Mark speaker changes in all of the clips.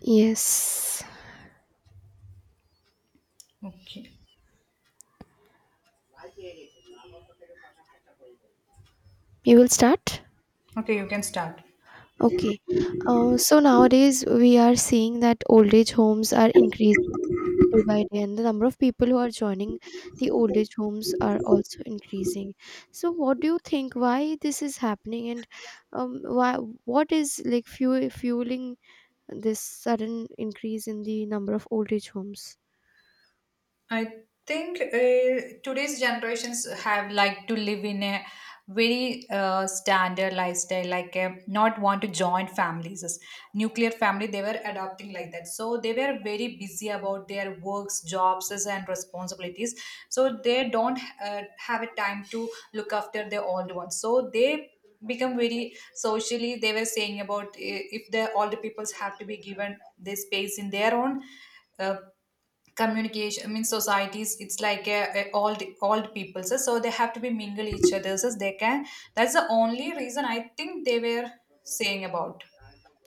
Speaker 1: Yes,
Speaker 2: Okay.
Speaker 1: you will start?
Speaker 2: Okay, you can start.
Speaker 1: Okay. So nowadays we are seeing that old age homes are increasing day by day, and the number of people who are joining the old age homes are also increasing. So what do you think? Why this is happening, and why what is like fueling this sudden increase in the number of old age homes?
Speaker 2: I think today's generations have like to live in a very standard lifestyle, like not want to join families. As nuclear family, they were adopting like that. So they were very busy about their works, jobs, and responsibilities. So they don't have a time to look after their old ones. So they become very socially. They were saying about if the older peoples have to be given this space in their own uh, communication. I mean societies, it's like a old people, so they have to be mingle each other so they can that's the only reason I think they were saying about.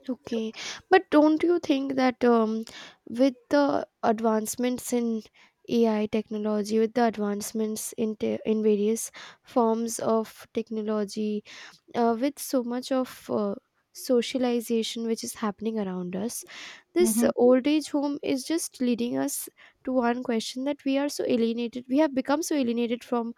Speaker 1: Okay, but don't you think that with the advancements in AI technology, with the advancements in in various forms of technology, with so much of socialization which is happening around us, this
Speaker 2: Mhm.
Speaker 1: old age home is just leading us to one question that we are so alienated. We have become so alienated from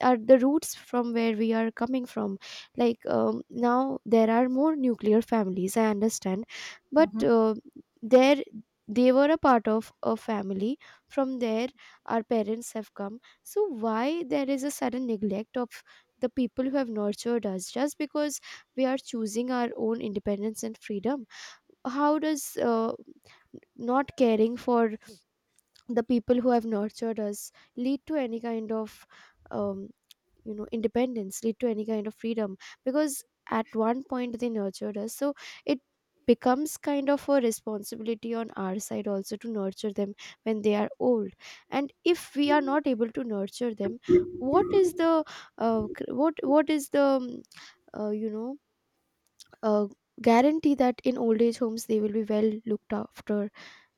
Speaker 1: are the roots from where we are coming from, like now there are more nuclear families, I understand, but
Speaker 2: Mhm.
Speaker 1: there they were a part of a family. From there our parents have come, so why there is a sudden neglect of the people who have nurtured us just because we are choosing our own independence and freedom? How does not caring for the people who have nurtured us lead to any kind of um, independence, lead to any kind of freedom? Because at one point they nurtured us, so it becomes kind of a responsibility on our side also to nurture them when they are old. And if we are not able to nurture them, what is the what is the uh, you know uh, guarantee that in old age homes they will be well looked after?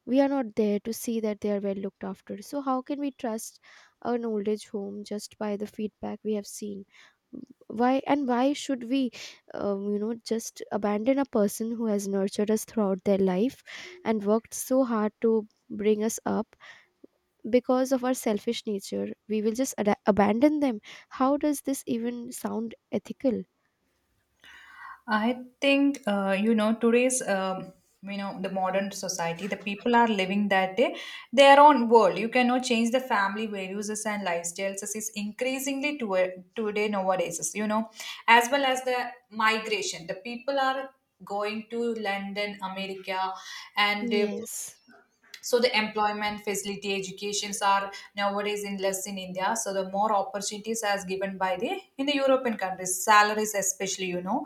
Speaker 1: We are not there to see that they are well looked after. So, how can we trust an old age home just by the feedback we have seen? Why, and why should we, just abandon a person who has nurtured us throughout their life and worked so hard to bring us up because of our selfish nature? We will just abandon them. How does this even sound ethical?
Speaker 2: I think today's the modern society the people are living that day their own world. You cannot change the family values and lifestyles. This is increasingly to today nowadays as well as the migration, the people are going to London, America, and
Speaker 1: Yes.
Speaker 2: so the employment facility educations are nowadays in less in India, so the more opportunities as given by the in the European countries, salaries especially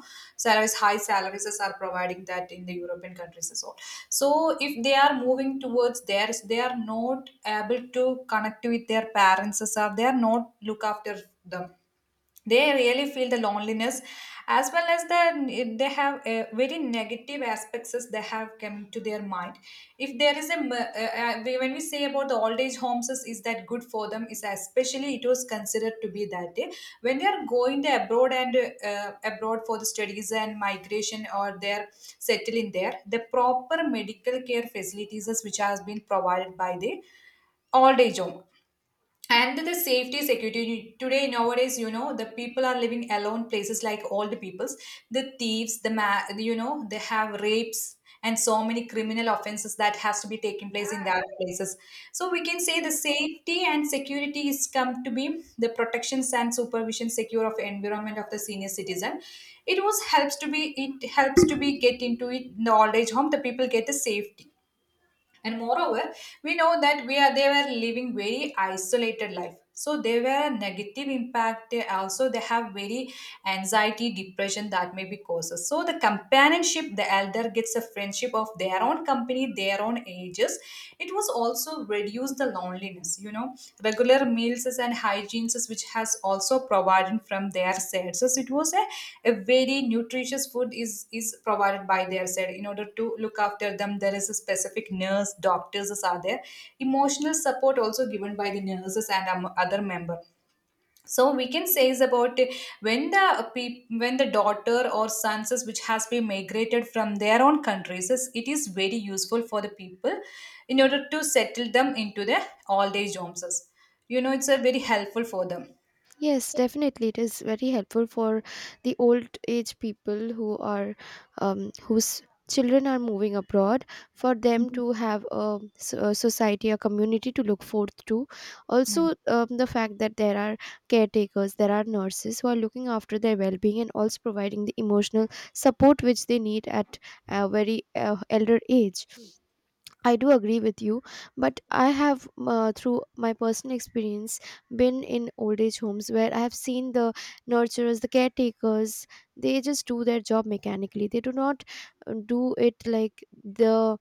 Speaker 2: salaries high salaries are providing that in the European countries as well. So if they are moving towards theirs, they are not able to connect with their parents as well, they are not look after them. They really feel the loneliness, as well as the they have very negative aspects as they have come to their mind. If there is when we say about the old age homes is that good for them, is especially it was considered to be that day when they are going to abroad and abroad for the studies and migration, or they're settling there. The proper medical care facilities is which has been provided by the old age home, and the safety security. Today nowadays the people are living alone places like all the peoples, the thieves, they have rapes and so many criminal offenses that has to be taking place in that places. So we can say the safety and security is come to be the protections and supervision secure of environment of the senior citizen. It was helps to be it helps to be get into it in the old age home, the people get the safety. And moreover, we know that we are they were living very isolated life, so they were a negative impact. They also they have very anxiety depression that may be causes, so the companionship the elder gets a friendship of their own company, their own ages. It was also reduce the loneliness regular meals and hygienes which has also provided from their side. So it was a very nutritious food is provided by their side in order to look after them. There is a specific nurse doctors are there, emotional support also given by the nurses and other member. So we can say is about when the uh, when the daughter or sons is which has been migrated from their own countries, is it is very useful for the people in order to settle them into their old age homes. You know, it's a very helpful for them.
Speaker 1: Yes, definitely. It is very helpful for the old age people who are whose children are moving abroad, for them to have a society, a community to look forth to. Also, the fact that there are caretakers, there are nurses who are looking after their well-being and also providing the emotional support which they need at a very elder age. I do agree with you, but I have, through my personal experience, been in old age homes where I have seen the nurturers, the caretakers, they just do their job mechanically. They do not do it like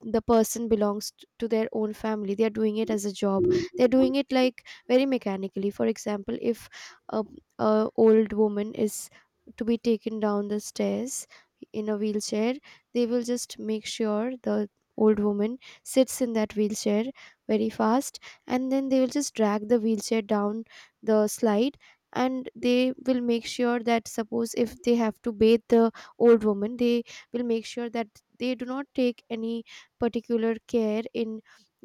Speaker 1: the person belongs to their own family. They are doing it as a job. They're doing it like very mechanically. For example, if a, a old woman is to be taken down the stairs in a wheelchair, they will just make sure the old woman sits in that wheelchair very fast, and then they will just drag the wheelchair down the slide. And they will make sure that, suppose if they have to bathe the old woman, they will make sure that they do not take any particular care in,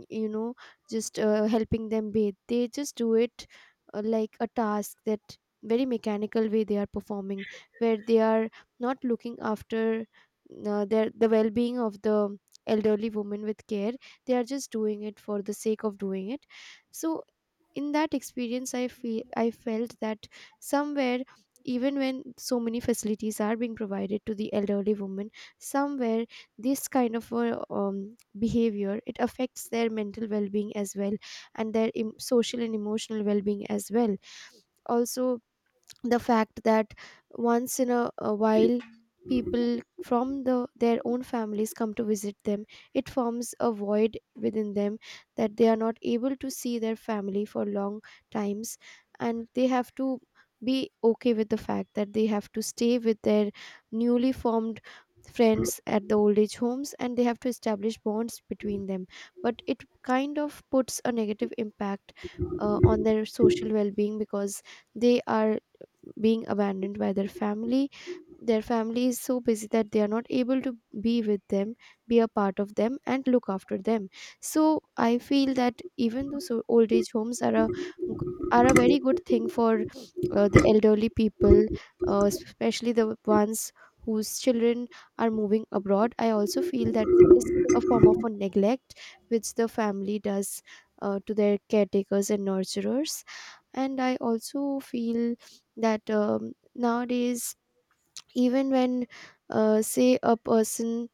Speaker 1: you know, just helping them bathe. They just do it like a task, that very mechanical way they are performing, where they are not looking after the well-being of the elderly woman with care. They are just doing it for the sake of doing it. So in that experience, I felt that somewhere, even when so many facilities are being provided to the elderly woman, somewhere this kind of behavior, it affects their mental well-being as well, and their social and emotional well-being as well. Also, the fact that once in a while, people from the their own families come to visit them, it forms a void within them, that they are not able to see their family for long times, and they have to be okay with the fact that they have to stay with their newly formed friends at the old age homes, and they have to establish bonds between them. But it kind of puts a negative impact on their social well-being, because they are being abandoned by their family. Their family is so busy that they are not able to be with them, be a part of them, and look after them. So I feel that, even though so old age homes are g- are a very good thing for the elderly people, especially the ones whose children are moving abroad, I also feel that it is a form of a neglect which the family does to their caretakers and nurturers. And I also feel that, nowadays, even when say a person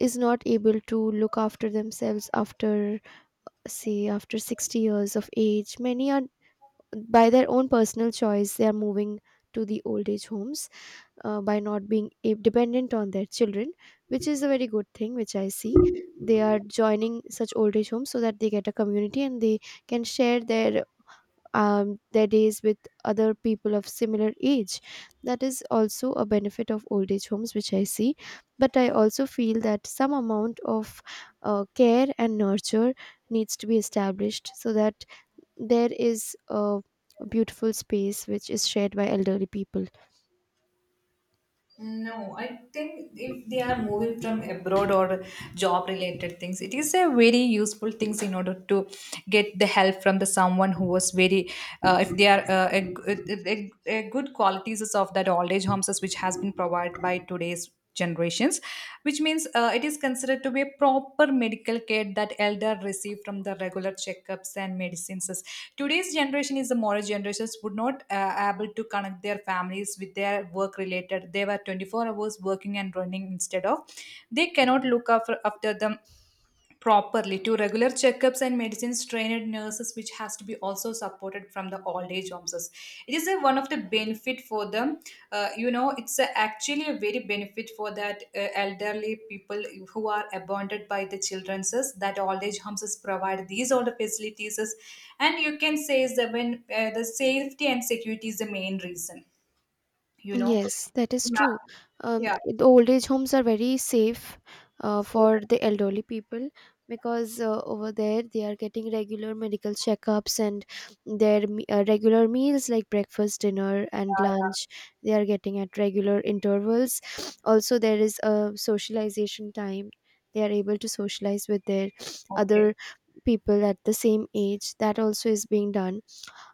Speaker 1: is not able to look after themselves after, say after 60 years of age, many are, by their own personal choice, they are moving to the old age homes, by not being dependent on their children, which is a very good thing, which I see. They are joining such old age homes so that they get a community, and they can share their days with other people of similar age. That is also a benefit of old age homes, which I see. But I also feel that some amount of care and nurture needs to be established, so that there is a beautiful space which is shared by elderly people.
Speaker 2: No, I think if they are moving from abroad or job related things, it is a very useful things in order to get the help from the someone who was very, if they are a good qualities of that old age homes which has been provided by today's generations, which means it is considered to be a proper medical care that elder receive from the regular checkups and medicines. Today's generation is the modern generations would not able to connect their families with their work related, they were 24 hours working and running instead of they cannot look after, after them properly to regular checkups and medicines, trained nurses which has to be also supported from the old age homes. It is a, one of the benefit for them. You know, it's a, actually a very benefit for that elderly people who are abandoned by the children's. That old age homes provide these all the facilities. And you can say is that when the safety and security is the main reason, you know.
Speaker 1: Yes, that is
Speaker 2: Yeah.
Speaker 1: true.
Speaker 2: Yeah,
Speaker 1: The old age homes are very safe
Speaker 2: yeah,
Speaker 1: for the elderly people, because over there they are getting regular medical checkups and their regular meals like breakfast, dinner, and
Speaker 2: yeah.
Speaker 1: lunch. They are getting at regular intervals. Also, there is a socialization time. They are able to socialize with their
Speaker 2: Okay.
Speaker 1: other people at the same age. That also is being done.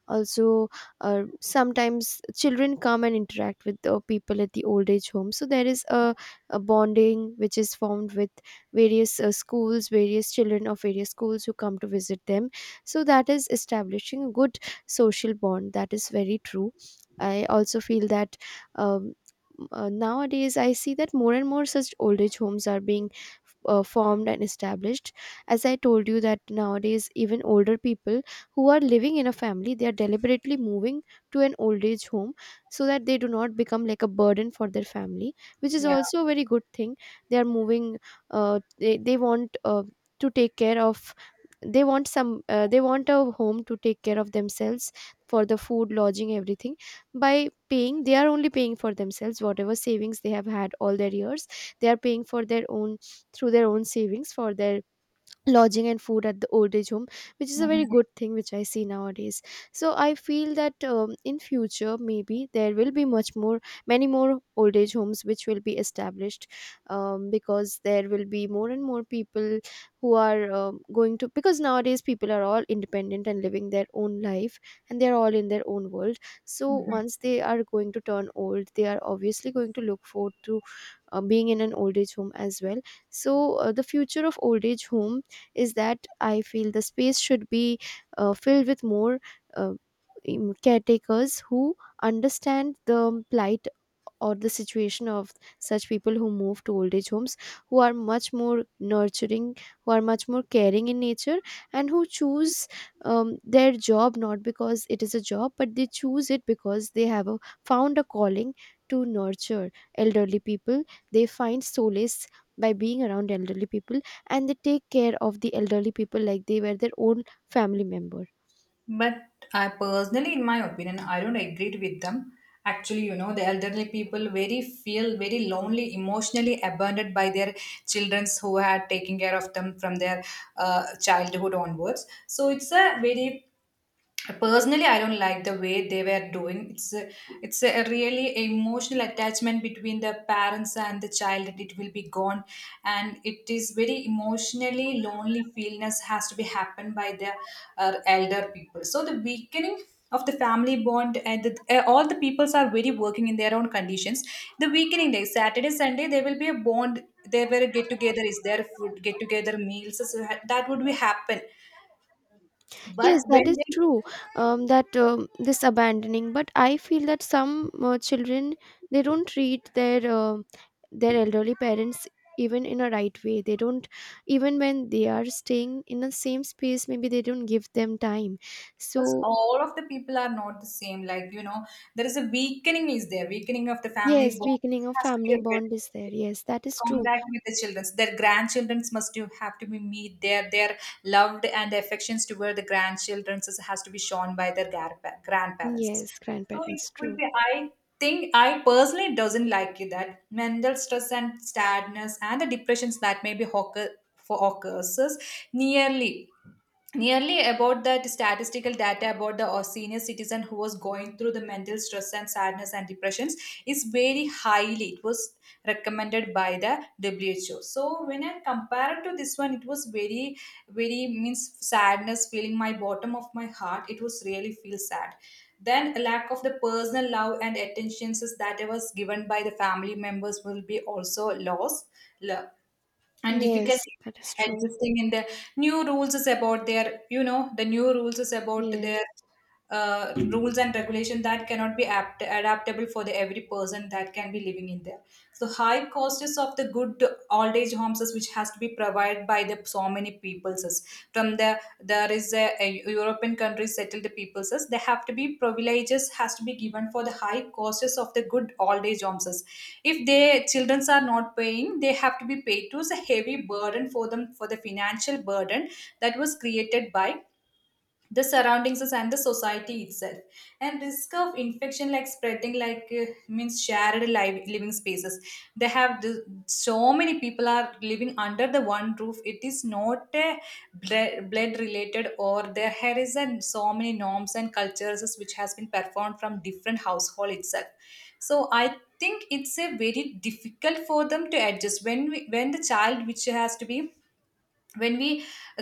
Speaker 1: Also, sometimes children come and interact with the people at the old age home, so there is a bonding which is formed with various schools, various children of various schools, who come to visit them. So that is establishing a good social bond. That is very true. I also feel that, um, nowadays I see that more and more such old age homes are being formed and established. As I told you, that nowadays even older people who are living in a family, they are deliberately moving to an old age home so that they do not become like a burden for their family, which is
Speaker 2: Yeah.
Speaker 1: also a very good thing. They are moving they want to take care of, they want some they want a home to take care of themselves, for the food, lodging, everything. By paying, they are only paying for themselves, whatever savings they have had all their years, they are paying for their own, through their own savings, for their lodging and food at the old age home, which is a very good thing, which I see nowadays. So I feel that, in future maybe there will be much more, many more old age homes which will be established, because there will be more and more people who are, going to, because nowadays people are all independent and living their own life, and they're all in their own world. So
Speaker 2: Mhm.
Speaker 1: once they are going to turn old, they are obviously going to look forward to being in an old age home as well. So the future of old age home is that I feel the space should be filled with more uh, caretakers who understand the plight or the situation of such people who move to old age homes, who are much more nurturing, who are much more caring in nature, and who choose their job not because it is a job, but they choose it because they have found a calling to nurture elderly people. They find solace by being around elderly people, and they take care of the elderly people like they were their own family member.
Speaker 2: But I personally, in my opinion, I don't agree with them. Actually, you know, the elderly people very feel very lonely, emotionally abandoned by their childrens who had taken care of them from their childhood onwards. So it's a very personally I don't like the way they were doing. It's a, it's a really emotional attachment between the parents and the child that it will be gone, and it is very emotionally lonely feelness has to be happened by the elder people. So the weakening of the family bond and the, all the peoples are very working in their own conditions. The weakening day saturday sunday there will be a bond, there were a get together is there, food get together meals, so that would be happen. But
Speaker 1: Yes, that
Speaker 2: when
Speaker 1: is
Speaker 2: they
Speaker 1: true. That, this abandoning, but I feel that some children, they don't treat their elderly parents even in a right way. They don't, even when they are staying in the same space, maybe they don't give them time.
Speaker 2: because
Speaker 1: So
Speaker 2: all of the people are not the same. Like, you know, there is a weakening is there, weakening of the family
Speaker 1: yes,
Speaker 2: bonds. This
Speaker 1: weakening of
Speaker 2: has to be a
Speaker 1: family bond is there.
Speaker 2: reduced
Speaker 1: Yes, that is true.
Speaker 2: contact with the children. Their grandchildren must you have to be meet their loved and affections toward the grandchildren has to be shown by their grandparents.
Speaker 1: Yes,
Speaker 2: So it
Speaker 1: grandparents,
Speaker 2: would
Speaker 1: true.
Speaker 2: be I think I personally doesn't like it. That mental stress and sadness and the depressions that may be occurs is nearly nearly about that statistical data about the senior citizen who was going through the mental stress and sadness and depressions is very highly. It was recommended by the who. So when I compare it to this one, it was very very means sadness feeling my bottom of my heart, it was really feel sad. Then a lack of the personal love and attentions is that I was given by the family members will be also loss, and
Speaker 1: Yes,
Speaker 2: difficulty
Speaker 1: that is true.
Speaker 2: adjusting in the new rules is about their, you know, the new rules is about
Speaker 1: Yes.
Speaker 2: their rules and regulation that cannot be adaptable for the every person that can be living in there. So high costs of the good old age homes is which has to be provided by the so many peoples is from the there is a European country settled peoples as they have to be privileges has to be given for the high costs of the good old age homes. If their children are not paying, they have to be paid to. It's a heavy burden for them for the financial burden that was created by the surroundings us and the society itself. And risk of infection like spreading like means shared live, living spaces, they have so many people are living under the one roof. It is not blood, related, or there here is an, so many norms and cultures which has been performed from different household itself. So I think it's a very difficult for them to adjust when when the child which has to be when we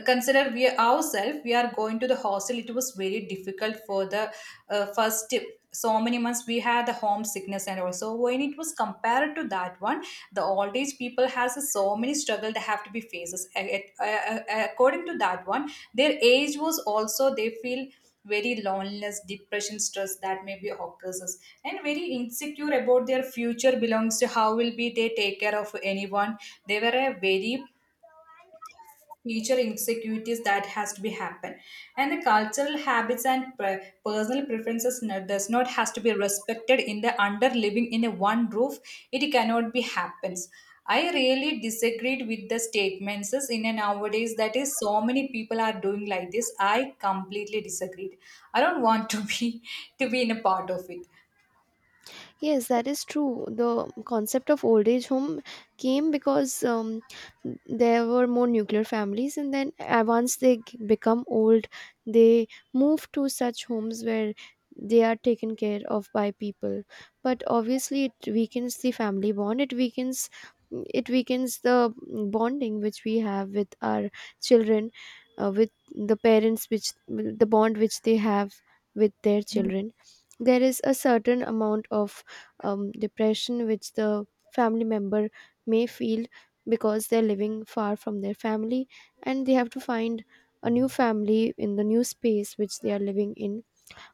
Speaker 2: consider we ourselves we are going to the hostel, it was very difficult for the first so many months we had the home sickness. And also when it was compared to that one, the old age people has a so many struggle they have to be faces according to that one. Their age was also they feel very loneliness depression stress that may be occurs us, and very insecure about their future belongs to how will be they take care of anyone. They were a very future insecurities that has to be happen. And the cultural habits and personal preferences does not has to be respected in the under living in a one roof. It cannot be happens. I really disagreed with the statements in a nowadays that is so many people are doing like this. I completely disagreed. I don't want to be in a part of it.
Speaker 1: Yes, that is true. The concept of old age home came because, there were more nuclear families, and then once they become old, they move to such homes where they are taken care of by people. But obviously, it weakens the family bond. It weakens the bonding which we have with our children, with the parents, which the bond which they have with their children. There is a certain amount of depression which the family member may feel because they're living far from their family, and they have to find a new family in the new space which they are living in.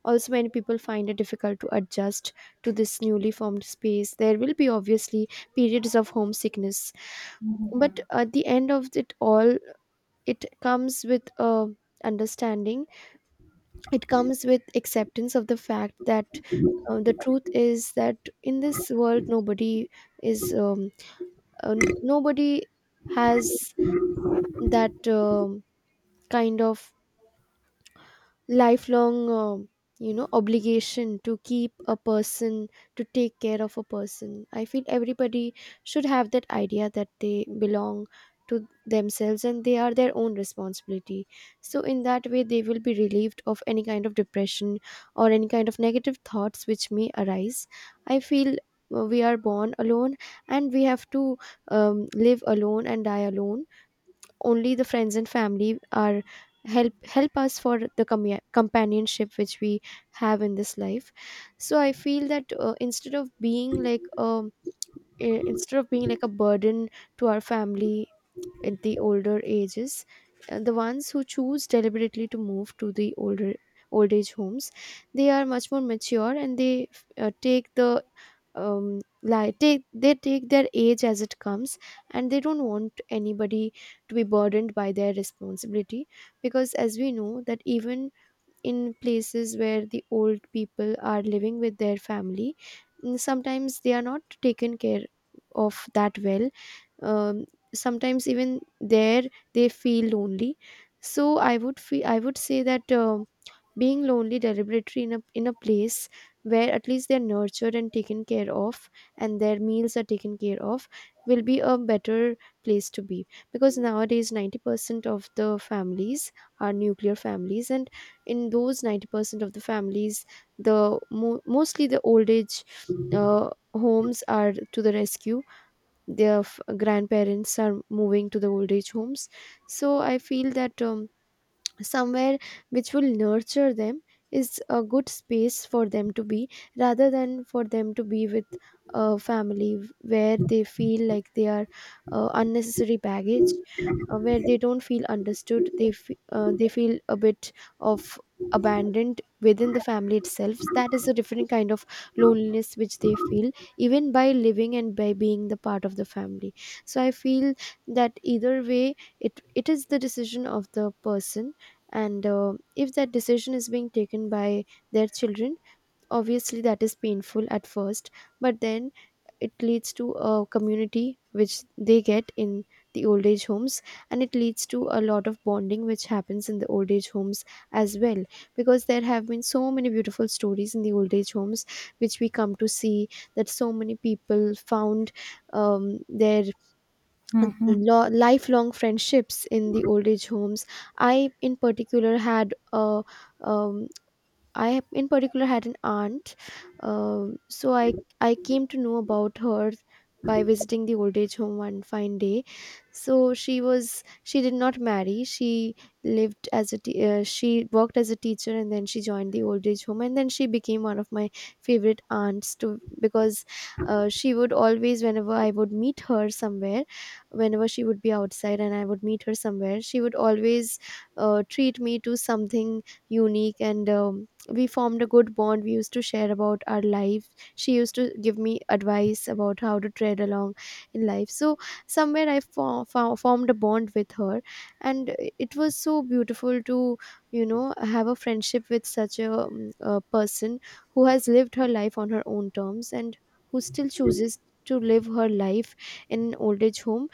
Speaker 1: Also, many people find it difficult to adjust to this newly formed space. There will be, obviously, periods of homesickness, but at the end of it all, it comes with a understanding. It comes with acceptance of the fact that the truth is that in this world, nobody is uh, nobody has that kind of lifelong obligation to keep a person, to take care of a person. I feel everybody should have that idea that they belong to themselves and they are their own responsibility, so in that way they will be relieved of any kind of depression or any kind of negative thoughts which may arise. I feel we are born alone, and we have to live alone and die alone. Only the friends and family are help help us for the companionship which we have in this life. So I feel that instead of being like a burden to our family at the older ages, the ones who choose deliberately to move to the old age homes, they are much more mature, and they take the like take they take their age as it comes, and they don't want anybody to be burdened by their responsibility, because as we know that even in places where the old people are living with their family, sometimes they are not taken care of that well. Um, sometimes even there they feel lonely. So I would say that being lonely deliberately in a place where at least they're nurtured and taken care of, and their meals are taken care of, will be a better place to be, because nowadays 90% of the families are nuclear families, and in those 90% of the families, the mostly the old age homes are to the rescue. Their grandparents are moving to the old age homes. So I feel that somewhere which will nurture them is a good space for them to be, rather than for them to be with a family where they feel like they are unnecessary baggage, where they don't feel understood, they feel a bit of abandoned within the family itself. That is a different kind of loneliness which they feel, even by living and by being the part of the family. So I feel that either way, it is the decision of the person, and if that decision is being taken by their children, obviously that is painful at first, but then it leads to a community which they get in the old age homes, and it leads to a lot of bonding which happens in the old age homes as well, because there have been so many beautiful stories in the old age homes which we come to see, that so many people found their lifelong friendships in the old age homes. i in particular had a um, I in particular had an aunt. So I came to know about her by visiting the old age home one fine day. So she did not marry. She lived as a te- she worked as a teacher, and then she joined the old age home, and then she became one of my favorite aunts to, because she would always, whenever I would meet her somewhere, whenever she would be outside and I would meet her somewhere, she would always treat me to something unique, and we formed a good bond. We used to share about our life. She used to give me advice about how to tread along in life. So somewhere I formed a bond with her, and it was so beautiful to have a friendship with such a person, who has lived her life on her own terms and who still chooses to live her life in an old age home,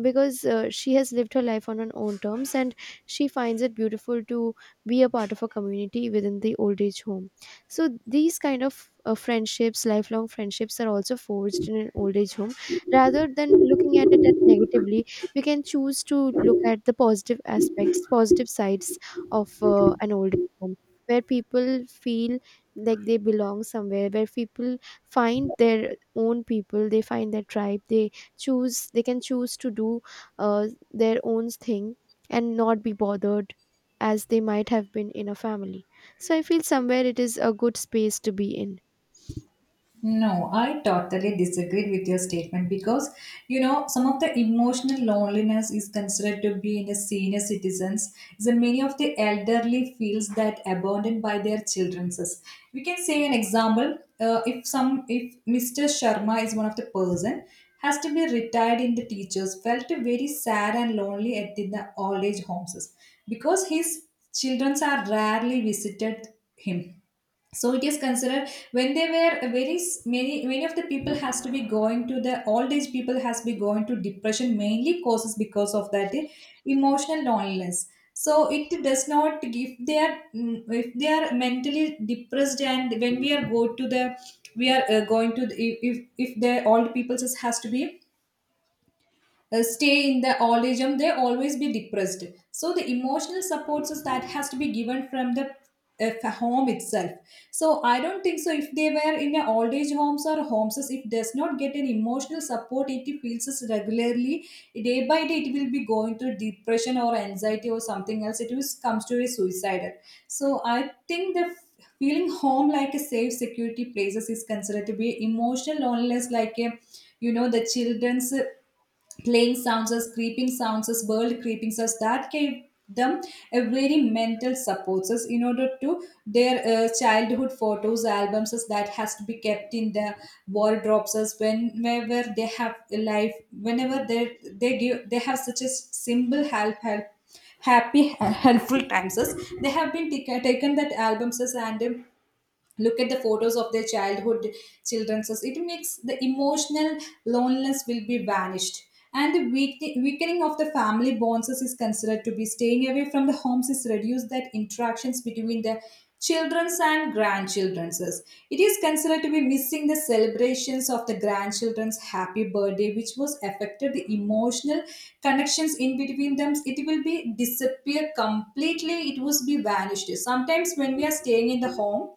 Speaker 1: because she has lived her life on her own terms, and she finds it beautiful to be a part of a community within the old age home. So these kind of friendships lifelong friendships are also forged in an old age home. Rather than looking at it at negatively, we can choose to look at the positive sides of an old age home, where people feel like they belong somewhere, where people find their own people, they find their tribe, they can choose to do their own thing and not be bothered as they might have been in a family. So I feel somewhere it is a good space to be in.
Speaker 2: No, I totally disagreed with your statement because you know some of the emotional loneliness is considered to be in the senior citizens. The many of the elderly feels that abandoned by their children. We can say an example. If some if Mr. Sharma is one of the person has to be retired in the teachers felt very sad and lonely at the old age homes because his children are rarely visited him, so it is considered when they were many of the people has to be going to the old age people has to be going to depression mainly causes because of that emotional loneliness, so it does not give they are, if they are mentally depressed. And when we are go to the, we are going to the, if if the old people just has to be stay in the old age home, they always be depressed. So the emotional supports is that has to be given from the home itself. So I don't think so. If they were in a old age homes or homes, if does not get an emotional support, it feels is regularly day by day, it will be going to depression or anxiety or something else. It is comes to a suicidal. So I think the feeling home like a safe security places is considered to be emotional loneliness, like a, the children's playing sounds as creeping sounds as world creeping sounds that gave them a very mental support us in order to their childhood photos albums us, that has to be kept in the wardrobes as whenever they have a life, whenever they give they have such a simple help happy helpful times us. They have been taken that albums us and look at the photos of their childhood children's us, it makes the emotional loneliness will be vanished. And the weakening of the family bonds is considered to be staying away from the homes is reduced that interactions between the children's and grandchildren's, it is considered to be missing the celebrations of the grandchildren's happy birthday, which was affected the emotional connections in between them, it will be disappear completely, it was be vanished sometimes when we are staying in the home.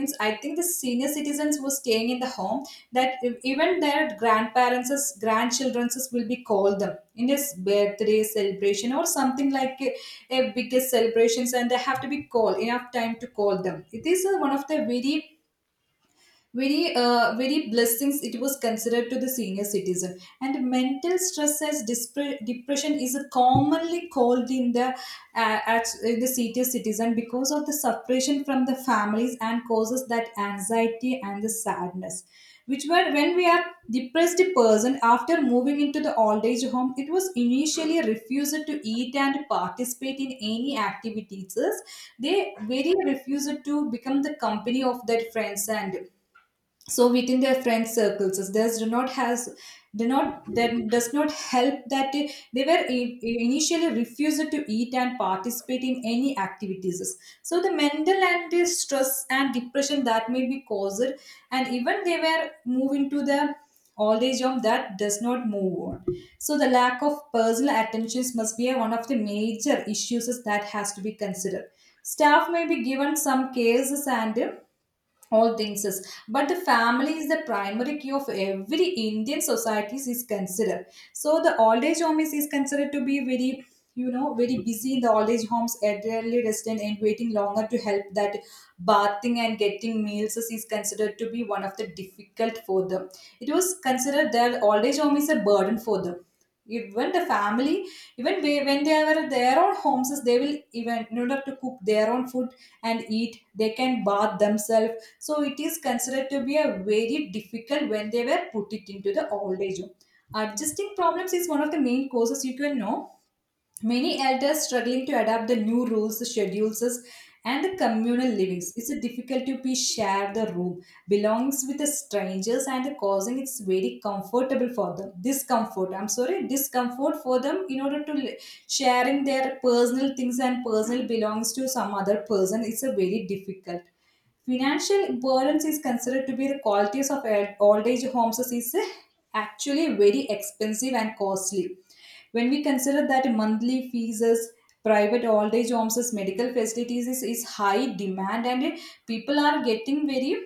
Speaker 2: Means I think the senior citizens who are staying in the home, that even their grandparents grandchildrens will be called them in this birthday celebration or something like a biggest celebrations, and they have to be called enough time to call them. It is one of the very very blessings, it was considered to the senior citizen. And mental stress as depression is commonly called in the at in the senior citizen because of the separation from the families and causes that anxiety and the sadness, which were when we are depressed person after moving into the old age home, it was initially refused to eat and participate in any activities. They very refused to become the company of their friends, and so within their friend circles does do not has, do not, that does not help that they were initially refused to eat and participate in any activities. So the mental and the stress and depression that may be caused, and even they were move into the old age of that does not move on. So the lack of personal attentions must be one of the major issues that has to be considered. Staff may be given some cases and all things is, but the family is the primary key of every Indian societies is considered. So the old age home is considered to be very, very busy in the old age homes, elderly resident and waiting longer to help that bathing and getting meals is considered to be one of the difficult for them. It was considered that old age home is a burden for them. Even the family, even when they are their own homes, they will, even in order to cook their own food and eat, they can bath themselves. So it is considered to be a very difficult when they were put it into the old age home. Adjusting problems is one of the main causes, you can know. Many elders struggling to adapt the new rules, schedules, and the communal livings. It's a difficult to be share the room, belongs with the strangers, and the causing it's very comfortable for them. Discomfort, I'm sorry, discomfort for them in order to sharing their personal things and personal belongs to some other person. It's a very difficult. Financial burdens is considered to be the qualities of old age homes is actually very expensive and costly when we consider that monthly fees as private old age homes as medical facilities is high demand, and people are getting very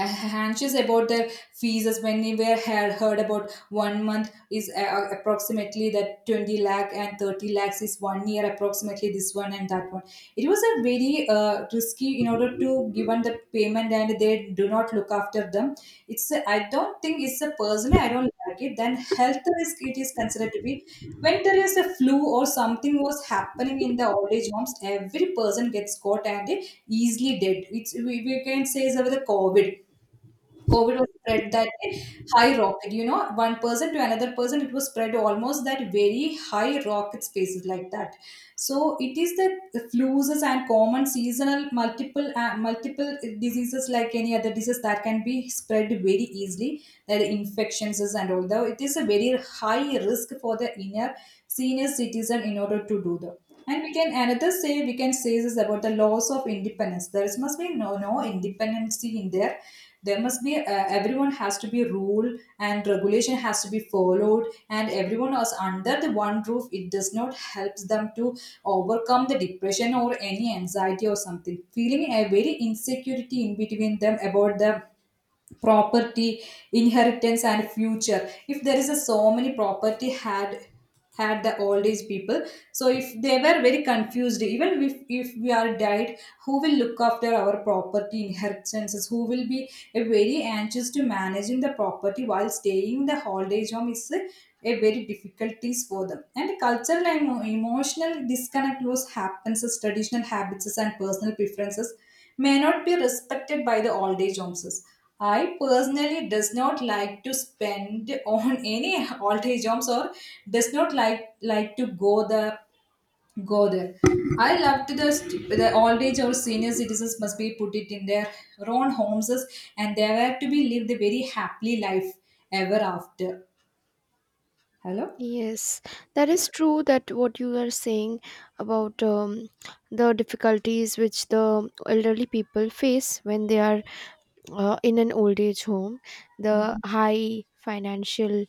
Speaker 2: anxious about their fees as when we were had heard about one month is, approximately that 20 lakh, and 30 lakhs is one year approximately, this one and that one. It was a very risky in order to given the payment and they do not look after them. It's a, I don't think it's a, personally I don't like it. Then health risk, it is considered to be when there is a flu or something was happening in the old age homes, every person gets caught and they easily dead. It's, we can say is over the covid. COVID was spread that way, high rocket, you know, one person to another person, it was spread almost that very high rocket spaces like that. So it is the flus and common seasonal multiple multiple diseases like any other disease that can be spread very easily, that infections is and all that. It is a very high risk for the inner senior citizen in order to do the. And we can another say, we can say this about the loss of independence. There must be no independency in there, there must be everyone has to be rule and regulation has to be followed, and everyone is under the one roof, it does not helps them to overcome the depression or any anxiety or something, feeling a very insecurity in between them about the property inheritance and future. If there is a so many property had the old age people, so if they were very confused, even if we are died, who will look after our property inheritances, who will be a very anxious to managing the property while staying in the old age home is a very difficulties for them. And cultural and emotional disconnect was happens as traditional habits and personal preferences may not be respected by the old age homes. I personally does not like to spend on any old age homes or does not like, like to go the go there. I love to the old age or senior citizens must be put it in their own homes, and they were to be lived a very happily life ever after. Hello.
Speaker 1: Yes, that is true, that what you are saying about the difficulties which the elderly people face when they are in an old age home, the high financial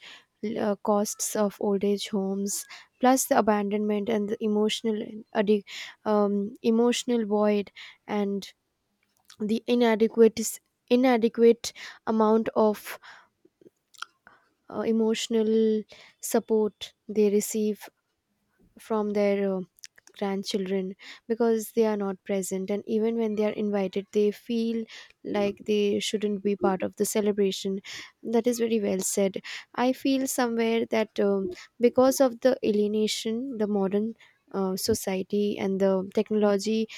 Speaker 1: costs of old age homes, plus the abandonment and the emotional addi- void and the inadequate amount of emotional support they receive from their grandchildren, because they are not present, and even when they are invited, they feel like they shouldn't be part of the celebration. That is very well said. I feel somewhere that because of the alienation, the modern society and the technology,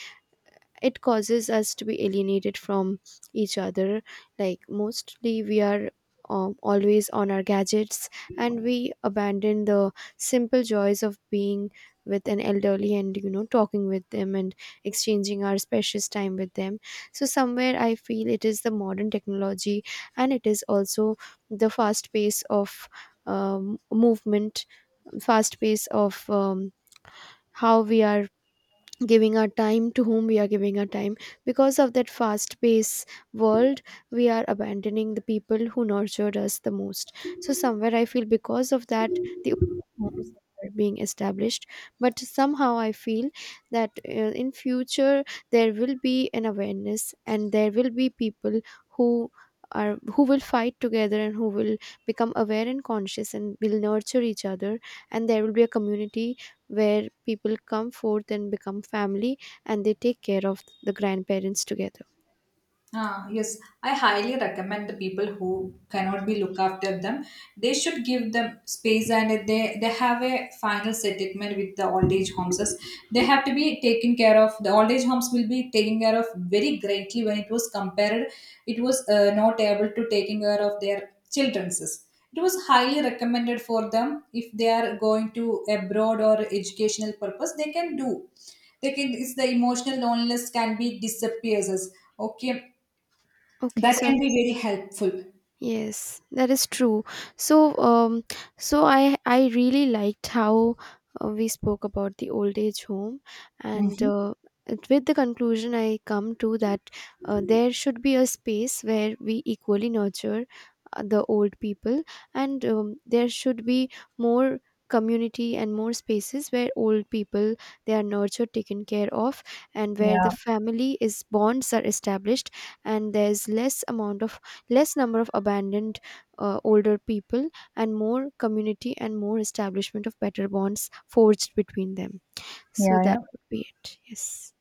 Speaker 1: it causes us to be alienated from each other. Like, mostly we are always on our gadgets, and we abandon the simple joys of being with an elderly, and talking with them and exchanging our precious time with them. So somewhere I feel it is the modern technology, and it is also the um, movement fast pace of how we are giving our time, to whom we are giving our time. Because of that fast paced world, we are abandoning the people who nurtured us the most. So somewhere I feel, because of that, the norms are being established. But somehow I feel that in future there will be an awareness, and there will be people who who will fight together, and who will become aware and conscious and will nurture each other, and there will be a community where people come forth and become family, and they take care of the grandparents together.
Speaker 2: Ah, yes, I highly recommend the people who cannot be look after them. They should give them space, and they have a final settlement with the old age homes. As they have to be taken care of. The old age homes will be taken care of very greatly when it was compared. It was not able to taking care of their children's. It was highly recommended for them if they are going to abroad or educational purpose. They can do. They can. It's the emotional loneliness can be disappears. As okay,
Speaker 1: Okay.
Speaker 2: that can
Speaker 1: So,
Speaker 2: be very helpful.
Speaker 1: yes, that is true. So, I really liked how we spoke about the old age home, and
Speaker 2: Yeah.
Speaker 1: with the conclusion I come to, that there should be a space where we equally nurture the old people, and there should be more community and more spaces where old people, they are nurtured, taken care of, and where the family is bonds are established, and there's less number of abandoned older people, and more community and more establishment of better bonds forged between them. So that
Speaker 2: Yeah.
Speaker 1: would be it, yes.